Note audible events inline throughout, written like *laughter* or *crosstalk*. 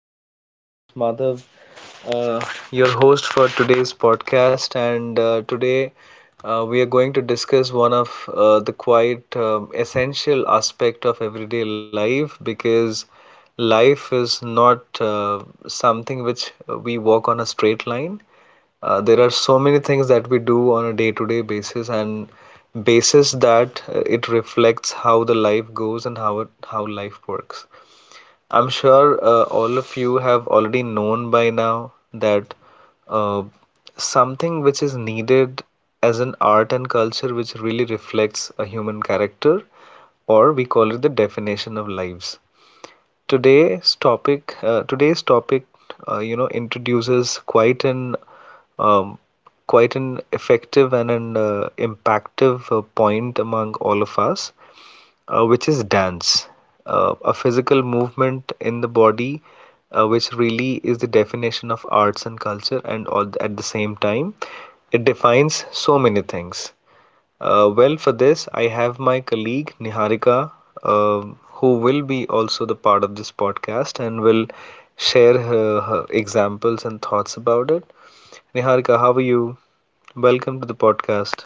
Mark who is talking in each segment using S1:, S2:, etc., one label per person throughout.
S1: everybody. This is Madhav, uh, your host for today's podcast. And today we are going to discuss one of the quite essential aspect of everyday life because life is not something which we walk on a straight line. There are so many things that we do on a day-to-day basis that it reflects how the life goes and how life works. I'm sure all of you have already known by now that uh, something which is needed as an art and culture which really reflects a human character, or we call it the definition of lives. Today's topic, introduces um, quite an effective and an impactive point among all of us which is dance, a physical movement in the body, which really is the definition of arts and culture, and all at the same time, it defines so many things. Well, for this, I have my colleague Niharika, who will be also the part of this podcast and will share her examples and thoughts about it. Niharika, how are you? Welcome to the podcast.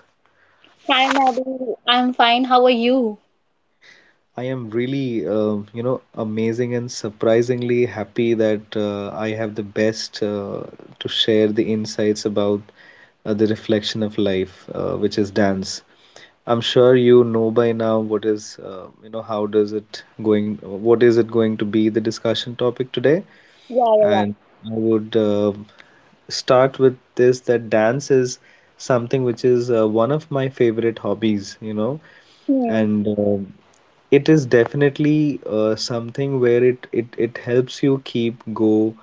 S2: Hi, Maddie. I'm fine. How are you?
S1: I am really, amazing and surprisingly happy that I have the best to share the insights about the reflection of life, which is dance. I'm sure you know by now what is, how does it going, what is it going to be the discussion topic today?
S2: Yeah, yeah, yeah.
S1: And I would start with this that dance is something which is one of my favorite hobbies, you know,
S2: Hmm.
S1: and it is definitely something where it helps you keep go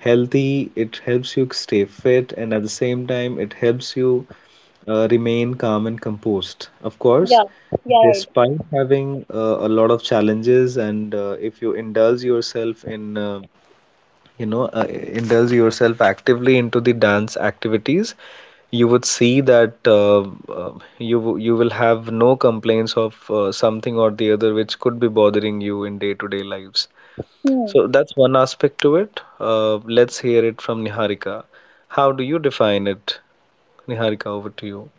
S1: healthy, it helps you stay fit, and at the same time it helps you remain calm and composed. Of course,
S2: Yeah, yeah, right.
S1: despite having a lot of challenges, and if you indulge yourself in you know uh, indulge yourself actively into the dance activities you would see that uh, you will have no complaints of something or the other which could be bothering you in day-to-day lives.
S2: Hmm.
S1: So that's one aspect to it. Let's hear it from Niharika. How do you define it? Niharika, over to you.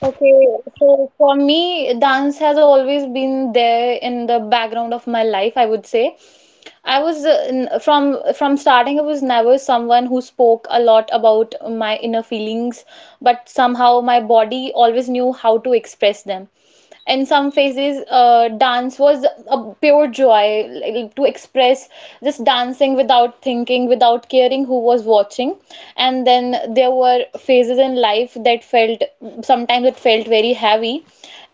S2: Okay, so for me, dance has always been there in the background of my life, I would say. I was from starting I was never someone who spoke a lot about my inner feelings, but somehow my body always knew how to express them. In some phases, dance was a pure joy like, to express just dancing without thinking, without caring who was watching. And then there were phases in life that felt sometimes it felt very heavy,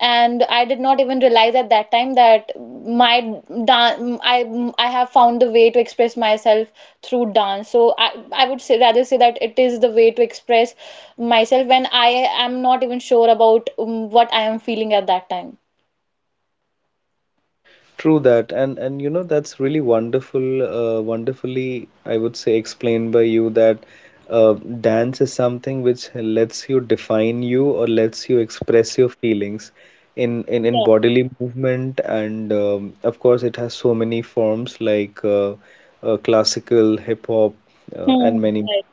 S2: and I did not even realize at that time that my dan I have found the way to express myself through dance. So I would say rather say that it is the way to express myself when I am not even sure about what I am feeling at that time.
S1: True that, and you know that's really wonderful, wonderfully I would say explained by you that uh, dance is something which lets you define you or lets you express your feelings in
S2: Yeah.
S1: bodily movement, and of course it has so many forms like classical, hip hop, and
S2: Hmm.
S1: many.
S2: Right.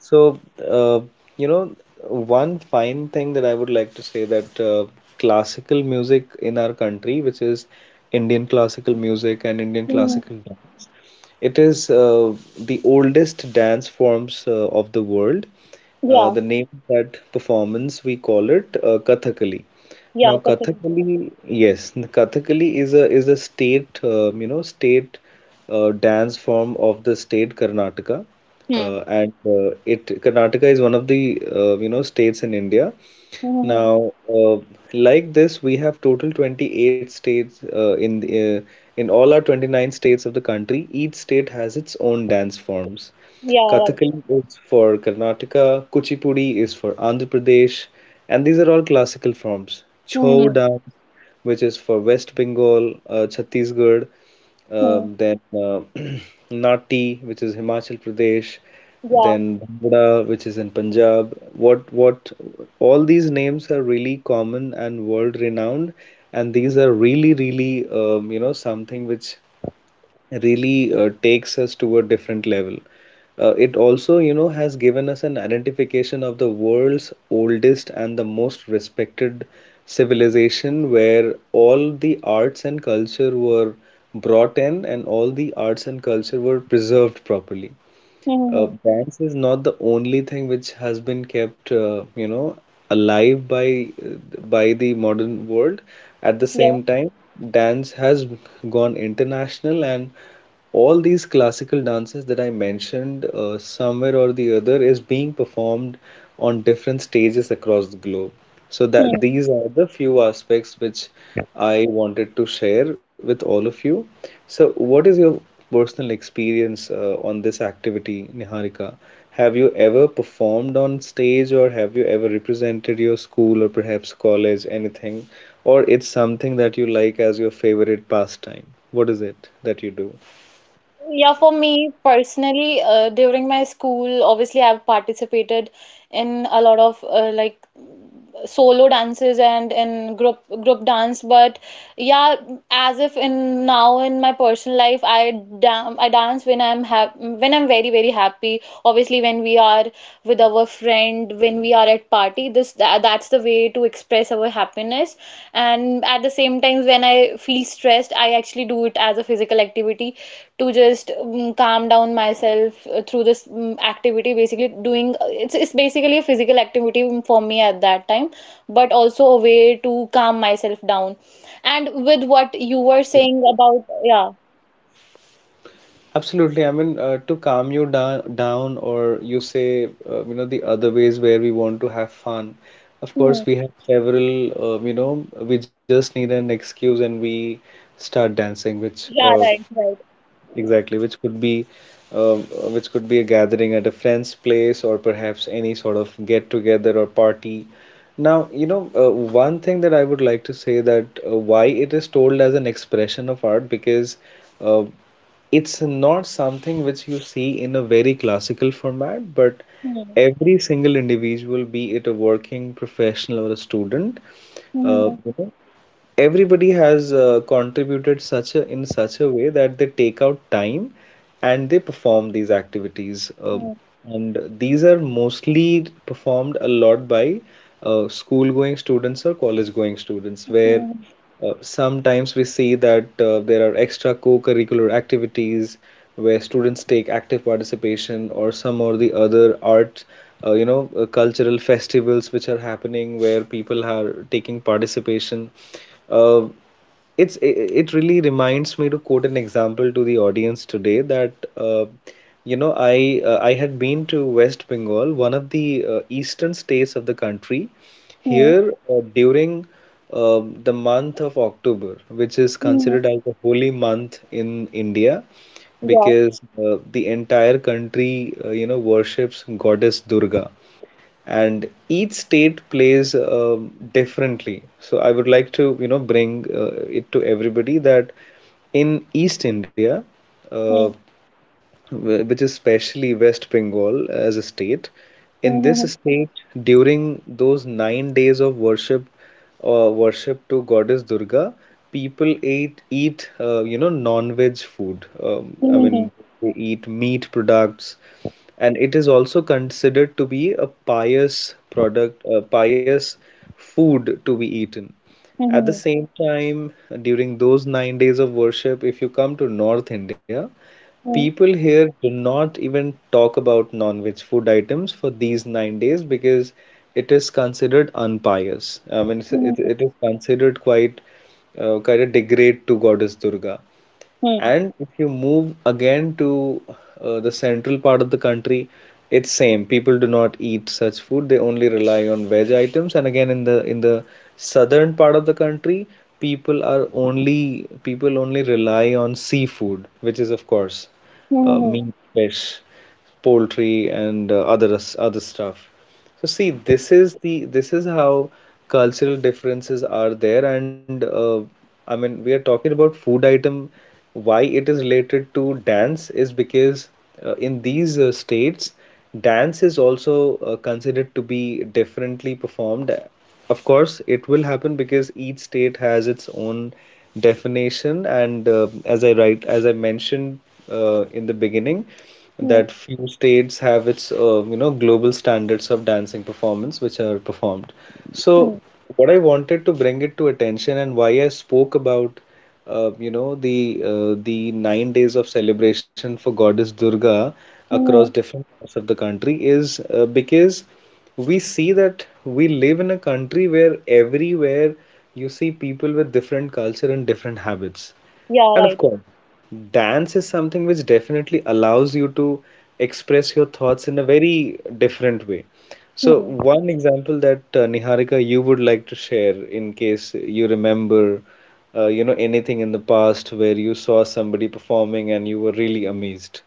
S1: So, uh, you know, one fine thing that I would like to say that classical music in our country, which is Indian classical music and Indian
S2: Hmm.
S1: classical, it is the oldest dance forms of the world. Uh,
S2: Yeah.
S1: the name of that performance we call it Kathakali.
S2: Yeah.
S1: Now,
S2: Kathak.
S1: Kathakali, yes, Kathakali is a state, state dance form of the state Karnataka,
S2: Hmm.
S1: and it Karnataka is one of the states in India,
S2: Hmm, hmm, hmm.
S1: now, like this, we have total 28 states in all our 29 states of the country. Each state has its own dance forms.
S2: Yeah. Right.
S1: Kathakali is for Karnataka, Kuchipudi is for Andhra Pradesh, and these are all classical forms.
S2: Hmm, hmm,
S1: Chhau
S2: hmm.
S1: dance, which is for West Bengal, Chhattisgarh, then *clears throat* Nati, which is Himachal Pradesh,
S2: Yeah.
S1: then Bhangra, which is in Punjab. All these names are really common and world renowned, and these are really, really, something which really takes us to a different level. It also, you know, has given us an identification of the world's oldest and the most respected civilization where all the arts and culture were brought in and all the arts and culture were preserved properly.
S2: Hmm, hmm,
S1: uh,
S2: hmm.
S1: dance is not the only thing which has been kept, alive by the modern world. At the
S2: Yeah.
S1: same time, dance has gone international, and all these classical dances that I mentioned, somewhere or the other, is being performed on different stages across the globe. So that
S2: Hmm.
S1: these are the few aspects which I wanted to share with all of you. So what is your personal experience on this activity, Niharika? Have you ever performed on stage or have you ever represented your school or perhaps college, anything? Or it's something that you like as your favorite pastime? What is it that you do?
S2: Yeah, for me personally, during my school, obviously I've participated in a lot of like solo dances and in group dance. But yeah, as if in now in my personal life, I dance when I'm very happy. Obviously, when we are with our friend when we are at party this that, that's the way to express our happiness, and at the same time when I feel stressed I actually do it as a physical activity to just calm down myself through this activity basically it's basically a physical activity for me at that time, but also a way to calm myself down. And with what you were saying about, yeah.
S1: Absolutely. I mean, to calm you down, or you say, the other ways where we want to have fun. Of
S2: Hmm.
S1: course, we have several, we just need an excuse and we start dancing,
S2: Yeah, right, right.
S1: exactly, which could be, uh, which could be a gathering at a friend's place or perhaps any sort of get together or party. Now, you know, one thing that I would like to say that why it is told as an expression of art because. Uh, it's not something which you see in a very classical format, but
S2: Hmm.
S1: every single individual, be it a working professional or a student, uh,
S2: Hmm.
S1: you know, everybody has contributed such a in such a way that they take out time and they perform these activities. Uh,
S2: Hmm.
S1: and these are mostly performed a lot by school-going students or college-going students, where
S2: Hmm.
S1: sometimes we see that there are extra co-curricular activities where students take active participation or some or the other art, cultural festivals which are happening where people are taking participation. Uh, it really reminds me to quote an example to the audience today that you know I I had been to West Bengal, one of the eastern states of the country,
S2: Hmm.
S1: here during uh the month of October, which is
S2: Hmm.
S1: considered as the holy month in India
S2: Yeah.
S1: because the entire country worships Goddess Durga and each state plays differently. So I would like to, you know, bring it to everybody that in East India, uh,
S2: হ্যাঁ,
S1: which is especially West Bengal as a state,
S2: হ্যাঁ,
S1: in
S2: হ্যাঁ,
S1: this
S2: হ্যাঁ।
S1: state, during those 9 days of worship, worship to Goddess Durga, people ate eat non-veg food. I mean, they eat meat products and it is also considered to be a pious product, a pious food to be eaten.
S2: হ্যাঁ,
S1: At
S2: হ্যাঁ,
S1: the
S2: হ্যাঁ।
S1: same time, during those 9 days of worship, if you come to North India,
S2: হ্যাঁ,
S1: people here do not even talk about non-veg food items for these 9 days because it is considered unpious. I mean, it's-
S2: হ্যাঁ,
S1: it,
S2: হ্যাঁ।
S1: it is considered quite kind of degrade to Goddess Durga.
S2: হ্যাঁ,
S1: And if you move again to the central part of the country, it's same. People do not eat such food. They only rely on veg items. And again, in the southern part of the country, people only rely on seafood, which is of course
S2: হ্যাঁ,
S1: meat, fish poultry and other stuff. So see, this is how cultural differences are there, and I mean we are talking about food item. Why it is related to dance is because in these states, dance is also considered to be differently performed. Of course, it will happen because each state has its own definition, and as I mentioned in the beginning, that few states have its global standards of dancing performance which are performed. So, what I wanted to bring it to attention and why I spoke about the 9 days of celebration for Goddess Durga across different parts of the country is because we see that we live in a country where everywhere you see people with different culture and different habits.
S2: Yeah,
S1: And of
S2: right.
S1: course, dance is something which definitely allows you to express your thoughts in a very different way.
S2: Hmm.
S1: So,
S2: হ্যাঁ।
S1: one example that Niharika, you would like to share in case you remember, anything in the past where you saw somebody performing and you were really amazed.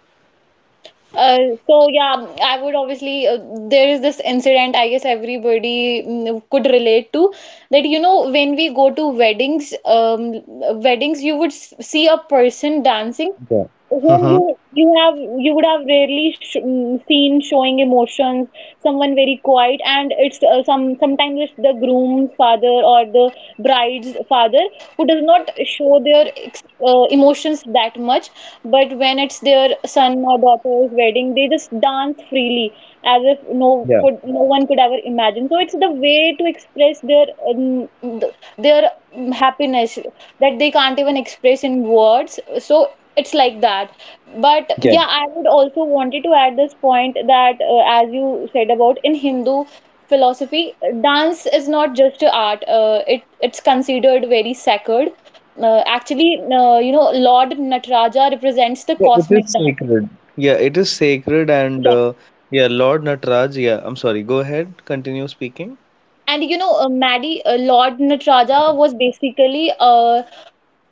S2: So yeah, I would obviously there is this incident I guess everybody could relate to that, you know, when we go to weddings, um, weddings, you would see a person dancing
S1: Yeah.
S2: whom
S1: Mm-hmm.
S2: you would have rarely seen showing emotions, someone very quiet. And it's some sometimes it's the groom's father or the bride's father, who does not show their emotions that much. But when it's their son or daughter's wedding, they just dance freely as if
S1: Yeah,
S2: could no one could ever imagine. So it's the way to express their th- their happiness that they can't even express in words, so it's like that. But
S1: yeah,
S2: yeah, I would also wanted to add this point that as you said about in Hindu philosophy, dance is not just a art. It's considered very sacred. You know, Lord Nataraja represents the
S1: yeah, it
S2: cosmic
S1: is
S2: dance.
S1: sacred. Yeah, it is sacred, and
S2: Yeah,
S1: yeah, Lord Nataraj. Yeah, I'm sorry, go ahead, continue speaking.
S2: and you know, Maddie, Lord Nataraja was basically uh,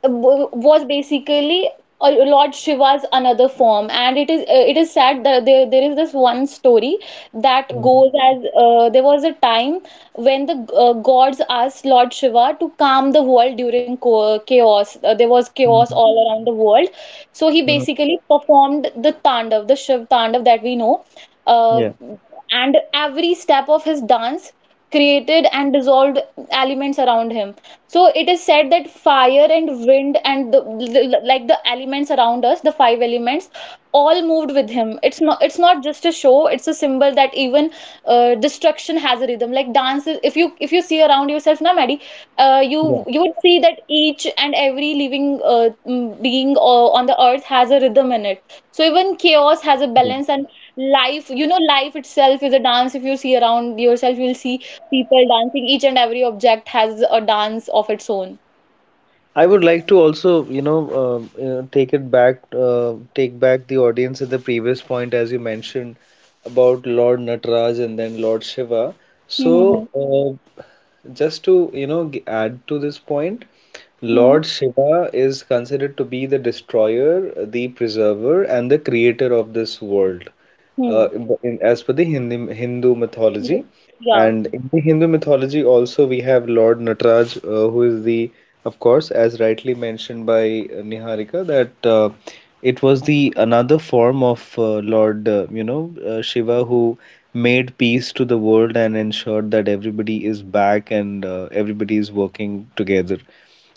S2: w- was basically Lord Shiva's another form, and it is sad that there is this one story that
S1: Mhm,
S2: goes as there was a time when the gods asked Lord Shiva to calm the world during co chaos. There was chaos
S1: mhm,
S2: all around the world, so he
S1: mhm.
S2: basically performed the Tandav, the Shiv Tandav that we know. Uh,
S1: Yeah,
S2: and every step of his dance created and dissolved elements around him. So it is said that fire and wind and the like the elements around us, the five elements, all moved with him. It's not just a show, it's a symbol that even destruction has a rhythm like dance is, if you see around yourself na Maddie, uh, you
S1: yeah,
S2: you would see that each and every living being on the earth has a rhythm in it. So even chaos has a
S1: yeah.
S2: balance, and life, you know, life itself is a dance. If you see around yourself, you'll see people dancing, each and every object has a dance of its own.
S1: I would like to also, you know, take back the audience at the previous point, as you mentioned about Lord Nataraj and then Lord Shiva.
S2: Hmm, hmm,
S1: So, just to, you know, add to this point,
S2: hmm.
S1: Lord Shiva is considered to be the destroyer, the preserver, and the creator of this world.
S2: Hmm,
S1: As per the Hindi, Hindu
S2: hmm.
S1: mythology.
S2: Yeah.
S1: And in the Hindu mythology, also we have Lord Nataraj, who is the, of course, as rightly mentioned by Niharika, that it was the another form of Lord, Shiva, who made peace to the world and ensured that everybody is back and everybody is working together.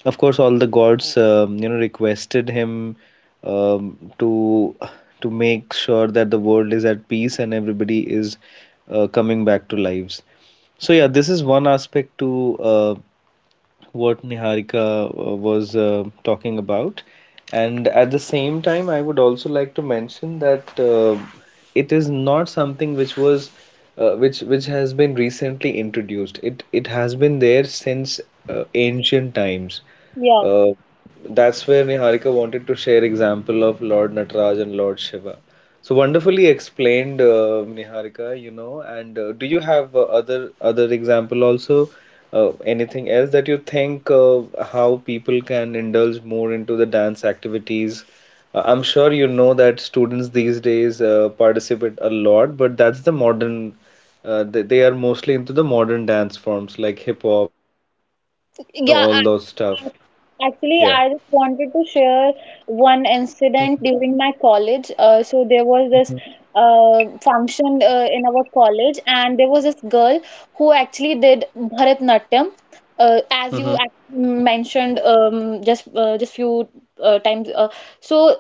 S1: Of course, all the gods, requested him um, to to make sure that the world is at peace and everybody is coming back to lives. So yeah, this is one aspect to what Niharika was talking about. And at the same time, I would also like to mention that it is not something which was which has been recently introduced. It has been there since ancient times.
S2: Yeah.
S1: Uh, that's where Niharika wanted to share example of Lord Nataraj and Lord Shiva. So wonderfully explained, Niharika, you know. And do you have other example also? Anything else that you think how people can indulge more into the dance activities? I'm sure you know that students these days participate a lot, but that's the modern. They are mostly into the modern dance forms like hip hop, all
S2: Yeah,
S1: those
S2: ac-
S1: stuff. Yeah.
S2: Actually, I just wanted to share one incident during my college. So there was this function in our college, and there was this girl who actually did Bharatnatyam, uh,
S1: Mm-hmm.
S2: as you ac- mentioned just few times. So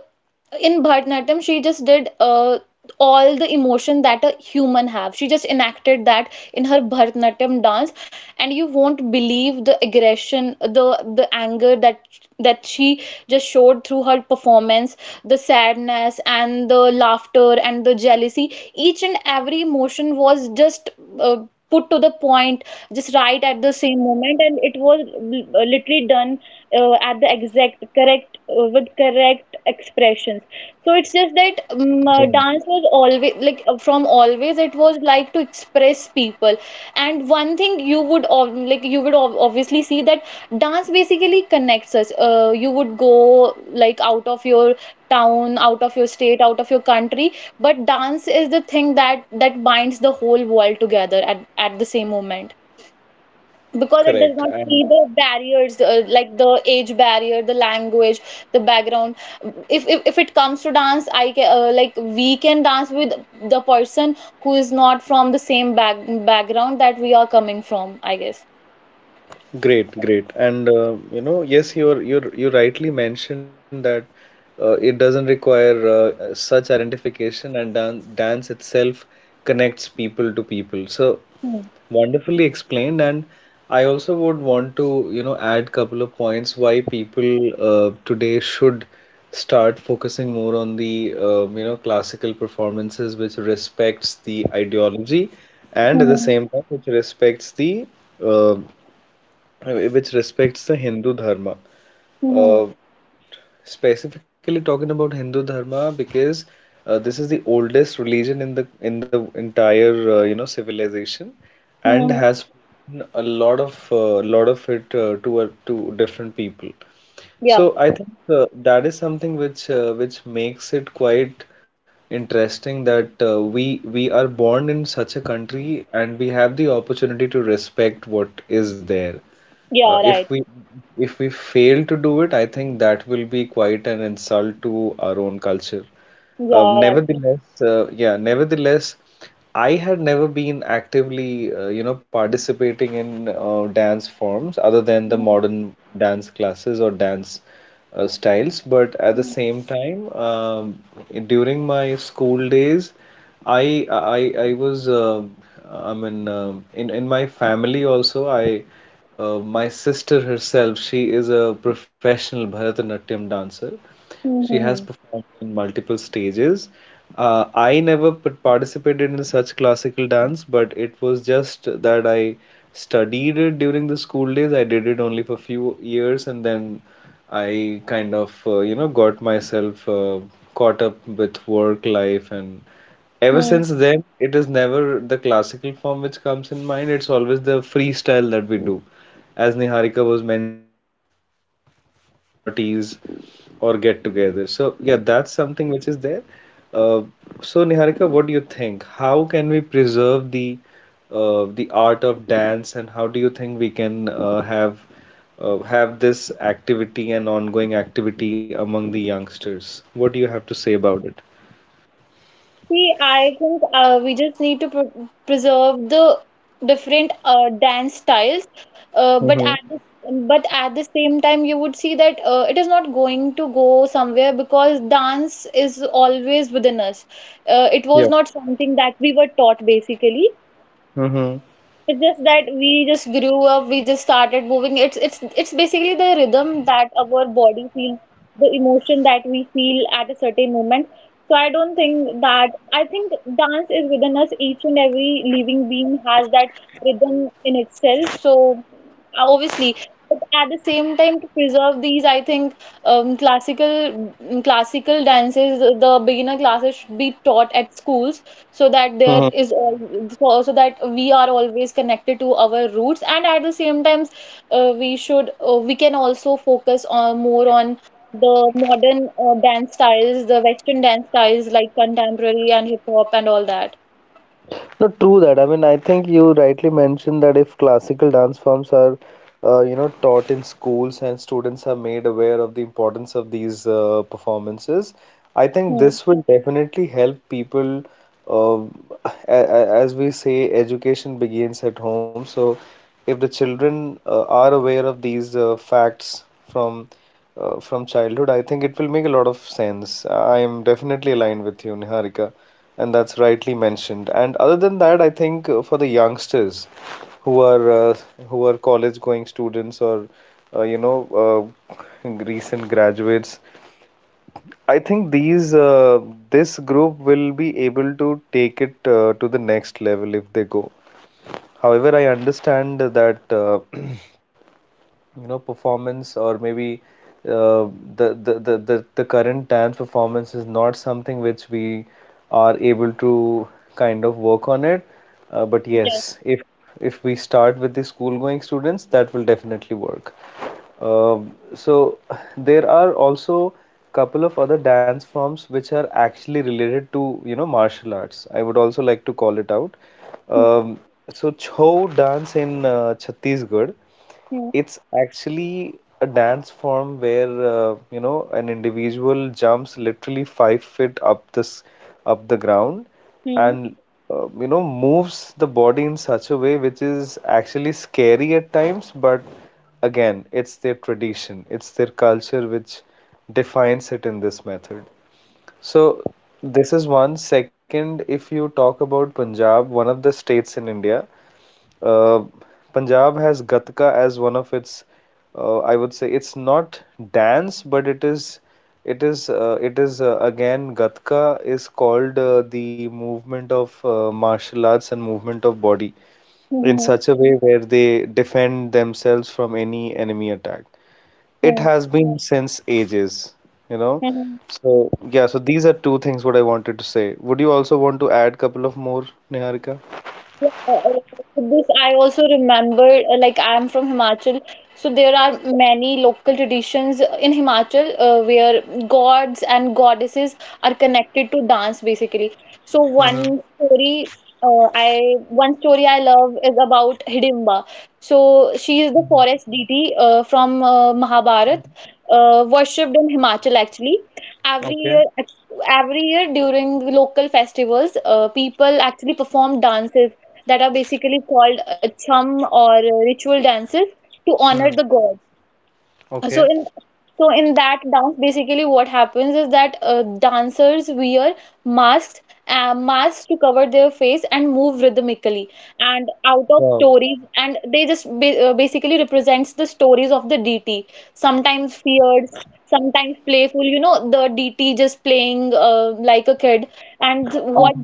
S2: in Bharatanatyam, she just did all the emotion that a human have. She just enacted that in her Bharatanatyam dance, and you won't believe the aggression, the anger that she just showed through her performance, the sadness and the laughter and the jealousy. Each and every emotion was just. Put to the point just right at the same moment, and it was literally done at the exact correct with correct expressions. So it's just that dance was always like from always it was like to express people. And one thing you would obviously see that dance basically connects us. Uh, you would go like out of your town, out of your state, out of your country, but dance is the thing that binds the whole world together at the same moment, because
S1: Correct.
S2: it does
S1: And
S2: not see the barriers, like the age barrier, the language, the background. If it comes to dance, I can like we can dance with the person who is not from the same background that we are coming from, I guess.
S1: great, great. And you know, yes, you're you rightly mentioned that it doesn't require such identification and dance itself connects people to people. So
S2: Hmm.
S1: wonderfully explained. And I also would want to, you know, add couple of points why people today should start focusing more on the you know classical performances which respects the ideology and at the
S2: Hmm.
S1: same time uh, which respects the Hindu Dharma.
S2: Hmm.
S1: Uh, specifically talking about Hindu Dharma because this is the oldest religion in the entire you know civilization and
S2: Hmm.
S1: has a lot of it to different people.
S2: Yeah.
S1: So I think that is something which makes it quite interesting that we are born in such a country and we have the opportunity to respect what is there. Uh,
S2: Yeah,
S1: if
S2: right.
S1: we if we fail to do it, I think that will be quite an insult to our own culture.
S2: Yeah, right.
S1: Nevertheless, yeah, nevertheless. I had never been actively, participating in dance forms other than the
S2: Hmm.
S1: modern dance classes or dance styles. But at the same time, during my school days, I was in my family also I my sister herself she is a professional Bharatanatyam dancer. She has
S2: Hmm.
S1: performed in multiple stages. I never participated in such classical dance, but it was just that I studied it during the school days. I did it only for few years, and then I kind of, got myself caught up with work life, and ever
S2: Hmm.
S1: since then, it is never the classical form which comes in mind. It's always the freestyle that we do as Niharika was mentioned during wedding, during parties, or get together. So yeah, that's something which is there. Uh, so Niharika, what do you think? How can we preserve the art of dance, and how do you think we can have this activity and ongoing activity among the youngsters? What do you have to say about it?
S2: See, I think we just need to pr preserve the different dance styles, uh, but
S1: Mm-hmm.
S2: at the, but at the same time, you would see that it is not going to go somewhere, because dance is always within us. It
S1: Yeah.
S2: was not something that we were taught basically.
S1: Mm-hmm.
S2: It's just that we just grew up, we just started moving. It's basically the rhythm that our body feels, the emotion that we feel at a certain moment. So I don't think that I think dance is within us. Each and every living being has that rhythm in itself. So obviously, but at the same time to preserve these, I think um, classical classical dances, the beginner classes should be taught at schools, so that there is so that we are always connected to our roots. And at the same times we can also focus on more on the modern dance styles, the western dance styles like contemporary and hip hop and all that.
S1: Not true that. I mean, I think you rightly mentioned that if classical dance forms are, taught in schools and students are made aware of the importance of these performances, I think
S2: Hmm.
S1: this will definitely help people. Uh, a as we say, education begins at home. So, if the children are aware of these facts from childhood, I think it will make a lot of sense. I am definitely aligned with you, Niharika. And that's rightly mentioned. And other than that, I think for the youngsters who are uh, who are college going students or uh, you know recent graduates, I think these this group will be able to take it to the next level if they go. However, I understand that *clears throat* you know performance or maybe uh, the, the current dance performance is not something which we are able to kind of work on it but
S2: Yeah.
S1: yes if we start with the school going students that will definitely work so there are also couple of other dance forms which are actually related to you know martial arts. I would also like to call it out.
S2: Hmm.
S1: Um, so Chhau dance in Chhattisgarh.
S2: Hmm.
S1: It's actually a dance form where you know an individual jumps literally 5 feet up this up the ground
S2: Hmm.
S1: and you know moves the body in such a way which is actually scary at times, but again, it's their tradition, it's their culture which defines it in this method. So this is one. Second, if you talk about Punjab, one of the states in India. Uh, Punjab has Gatka as one of its, I would say it's not dance, but it is, again Gatka is called the movement of martial arts and movement of body in
S2: Hmm. Hmm.
S1: such a way where they defend themselves from any enemy attack. It
S2: Hmm.
S1: has been since ages, you know.
S2: Hmm.
S1: So yeah, so these are two things what I wanted to say. Would you also want to add couple of more, Niharika?
S2: Yeah, uh, this I also remember, like I'm from Himachal, so there are many local traditions in Himachal where gods and goddesses are connected to dance basically. So
S1: Mhm,
S2: one story I love is about Hidimba. So she is the
S1: mhm.
S2: forest deity from Mahabharata, worshipped in Himachal actually. Every
S1: Okay.
S2: year, every year during local festivals, people actually perform dances that are basically called chum or ritual dances to honor
S1: Hmm.
S2: the gods. So
S1: Okay.
S2: in that dance, basically what happens is that dancers wear masks, masks to cover their face and move rhythmically. And out of
S1: Wow,
S2: stories, and they basically represents the stories of the DT. Sometimes feared, sometimes playful. You know, the DT just playing like a kid. And what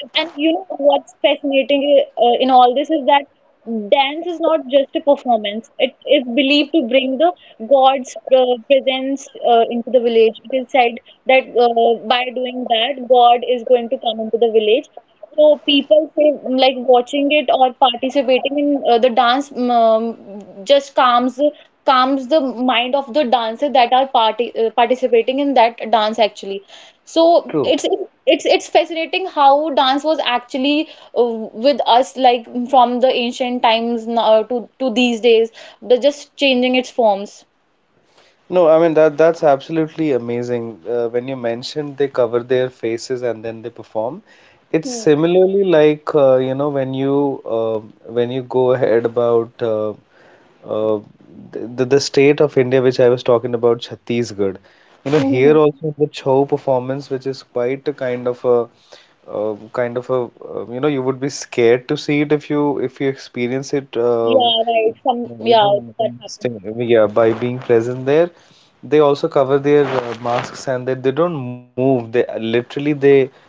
S2: and you know what's fascinating in all this is that dance is not just a performance. It is believed to bring the God's presence into the village. It is said that by doing that, God is going to come into the village. So people say like watching it or participating in the dance just calms the mind of the dancer that are party participating in that dance actually. So
S1: true.
S2: it's fascinating how dance was actually uh, with us like from the ancient times now to these days, they're just changing its forms.
S1: No, I mean that that's absolutely amazing. When you mentioned they cover their faces and then they perform, it's
S2: Hmm.
S1: similarly like you know when you go ahead about uh, the state of India which I was talking about Chhattisgarh. You know here
S2: Hmm.
S1: also the Chhau performance, which is quite a kind of a kind of a you know you would be scared to see it if you experience it.
S2: Yeah, right. Some,
S1: You
S2: yeah,
S1: know,
S2: that happened.
S1: yeah, by being present there, they also cover their masks and they don't move. They literally they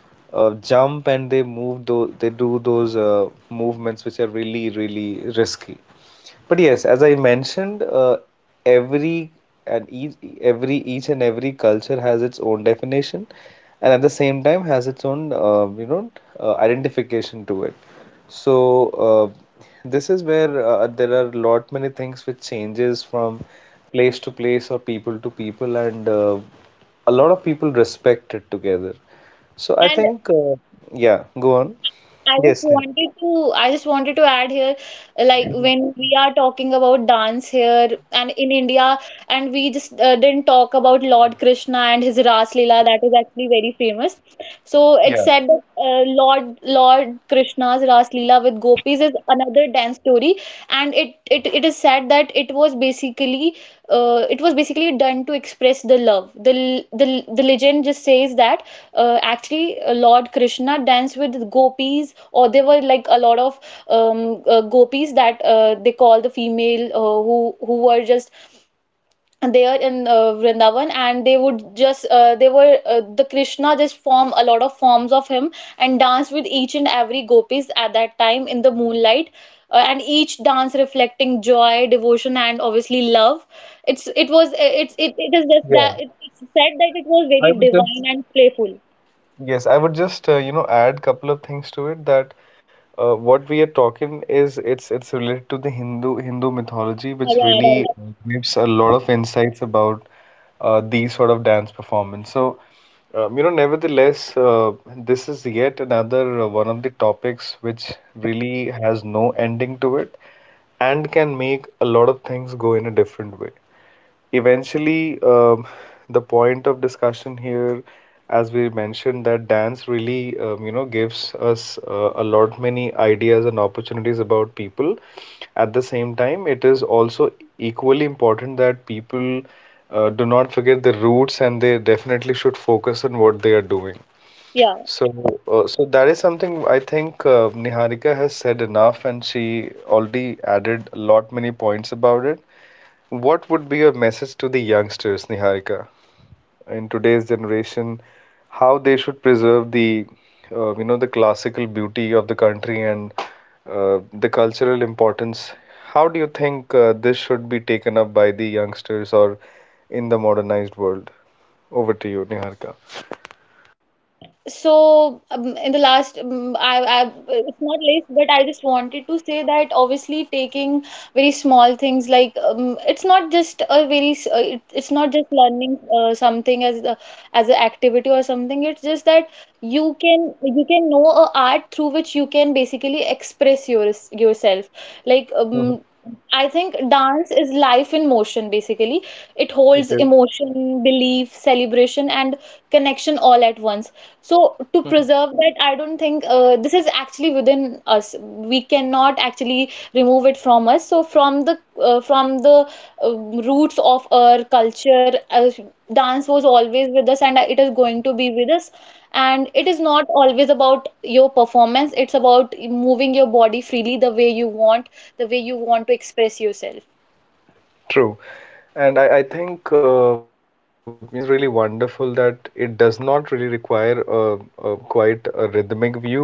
S1: jump and they move though they do those movements which are really risky. But yes, as I mentioned, every and each every each and every culture has its own definition, and at the same time has its own identification to it. So this is where there are lot many things which changes from place to place or people to people, and a lot of people respect it together. So I
S2: And
S1: think, yeah, go on.
S2: I just
S1: Yes, Neha.
S2: wanted to I just wanted to add here, like
S1: Mhm.
S2: when we are talking about dance here and in India, and we just didn't talk about Lord Krishna and his Ras Leela, that is actually very famous. So
S1: Yeah,
S2: it's said that Lord Krishna's Ras Leela with gopis is another dance story, and it is said that it was basically done to express the love. The legend just says that actually Lord Krishna danced with gopis. Or there were like a lot of gopis that they call the female who were just there in Vrindavan, and they would just they were the Krishna just form a lot of forms of him and dance with each and every gopis at that time in the moonlight. Uh, and each dance reflecting joy, devotion, and obviously love. It is just
S1: yeah.
S2: that it's said that it was
S1: I
S2: very
S1: would
S2: divine
S1: just
S2: and playful.
S1: yes, I would just you know add couple of things to it that what we are talking is it's related to the Hindu mythology, which
S2: Yeah,
S1: really
S2: right.
S1: gives a lot of insights about these sort of dance performance. So, nevertheless, this is yet another one of the topics which really has no ending to it and can make a lot of things go in a different way. Eventually, the point of discussion here, as we mentioned, that dance really, gives us a lot many ideas and opportunities about people. At the same time, it is also equally important that people do not forget the roots and they definitely should focus on what they are doing.
S2: Yeah.
S1: So, so that is something I think Niharika has said enough, and she already added a lot many points about it. What would be your message to the youngsters, Niharika, in today's generation, how they should preserve the, the classical beauty of the country and the cultural importance? How do you think this should be taken up by the youngsters or in the modernized world? Over to you, Niharika.
S2: So, in the last, I, it's not list, but I just wanted to say that obviously taking very small things like it's not just a it's not just learning something as as an activity or something. It's just that you can know a art through which you can basically express yourself. Like
S1: Mhm.
S2: I think dance is life in motion, basically. It
S1: It
S2: holds
S1: is.
S2: emotion, belief, celebration, and connection all at once. So, to preserve that, I don't think this is actually within us. We cannot actually remove it from us. So, from the roots of our culture, dance was always with us, and it is going to be with us. And it is not always about your performance, it's about moving your body freely the way you want, the way you want to express yourself.
S1: True. And I think you know this is really wonderful that it does not really require a quite a rhythmic view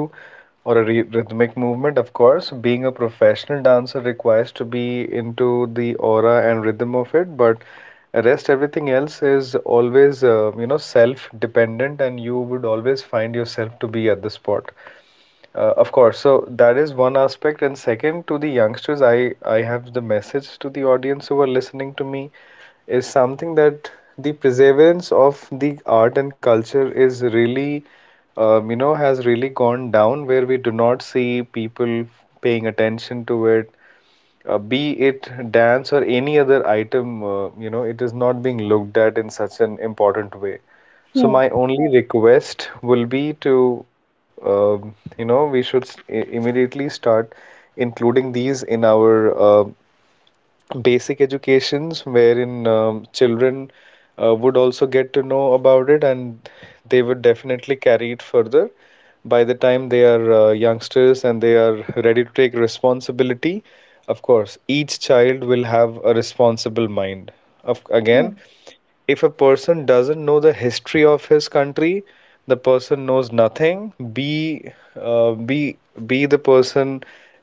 S1: or a re rhythmic movement, of course. Being a professional dancer requires to be into the aura and rhythm of it, but rest everything else is always you know self-dependent, and you would always find yourself to be at the spot. Of course. So that is one aspect. And second, to the youngsters, I have the message to the audience who are listening to me is something that the perseverance of the art and culture is really, has really gone down where we do not see people paying attention to it be it dance or any other item, it is not being looked at in such an important way. So
S2: Hmm.
S1: my only request will be to, we should immediately start including these in our um basic educations wherein children would also get to know about it and they would definitely carry it further by the time they are youngsters and they are ready to take responsibility. Of course, each child will have a responsible mind. Of,
S2: Hmm.
S1: again, if a person doesn't know the history of his country, the person knows nothing. B, uh, B, B, the person,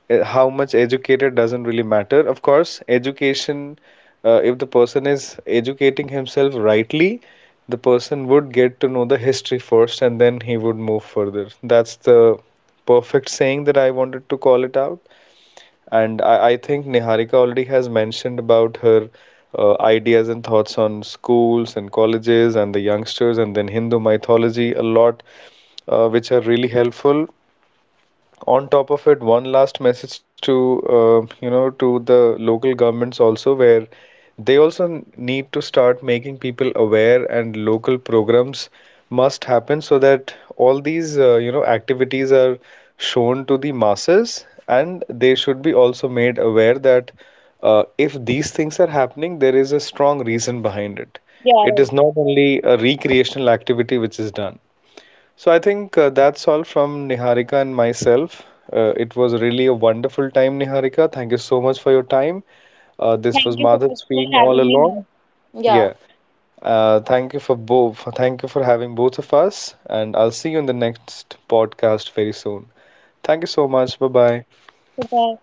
S1: how much educated doesn't really matter. Of course, education, if the person is educating himself rightly, the person would get to know the history first and then he would move further. That's the perfect saying that I wanted to call it out. And I think Niharika already has mentioned about her ideas and thoughts on schools and colleges and the youngsters and then Hindu mythology a lot, which are really helpful on top of it, one last message to to the local governments also, where they also need to start making people aware, and local programs must happen so that all these activities are shown to the masses, and they should be also made aware that if these things are happening, there is a strong reason behind it.
S2: Yeah,
S1: It
S2: right.
S1: is not only a recreational activity which is done. So I think that's all from Niharika and myself. It was really a wonderful time, Niharika. Thank you so much for your time. This was
S2: Thank you so
S1: Madhav
S2: much for
S1: speaking all
S2: having me here.
S1: along.
S2: Yeah.
S1: Yeah. Thank you for both. Thank you for having both of us, and I'll see you in the next podcast very soon. Thank you so much. Bye bye.
S2: Bye.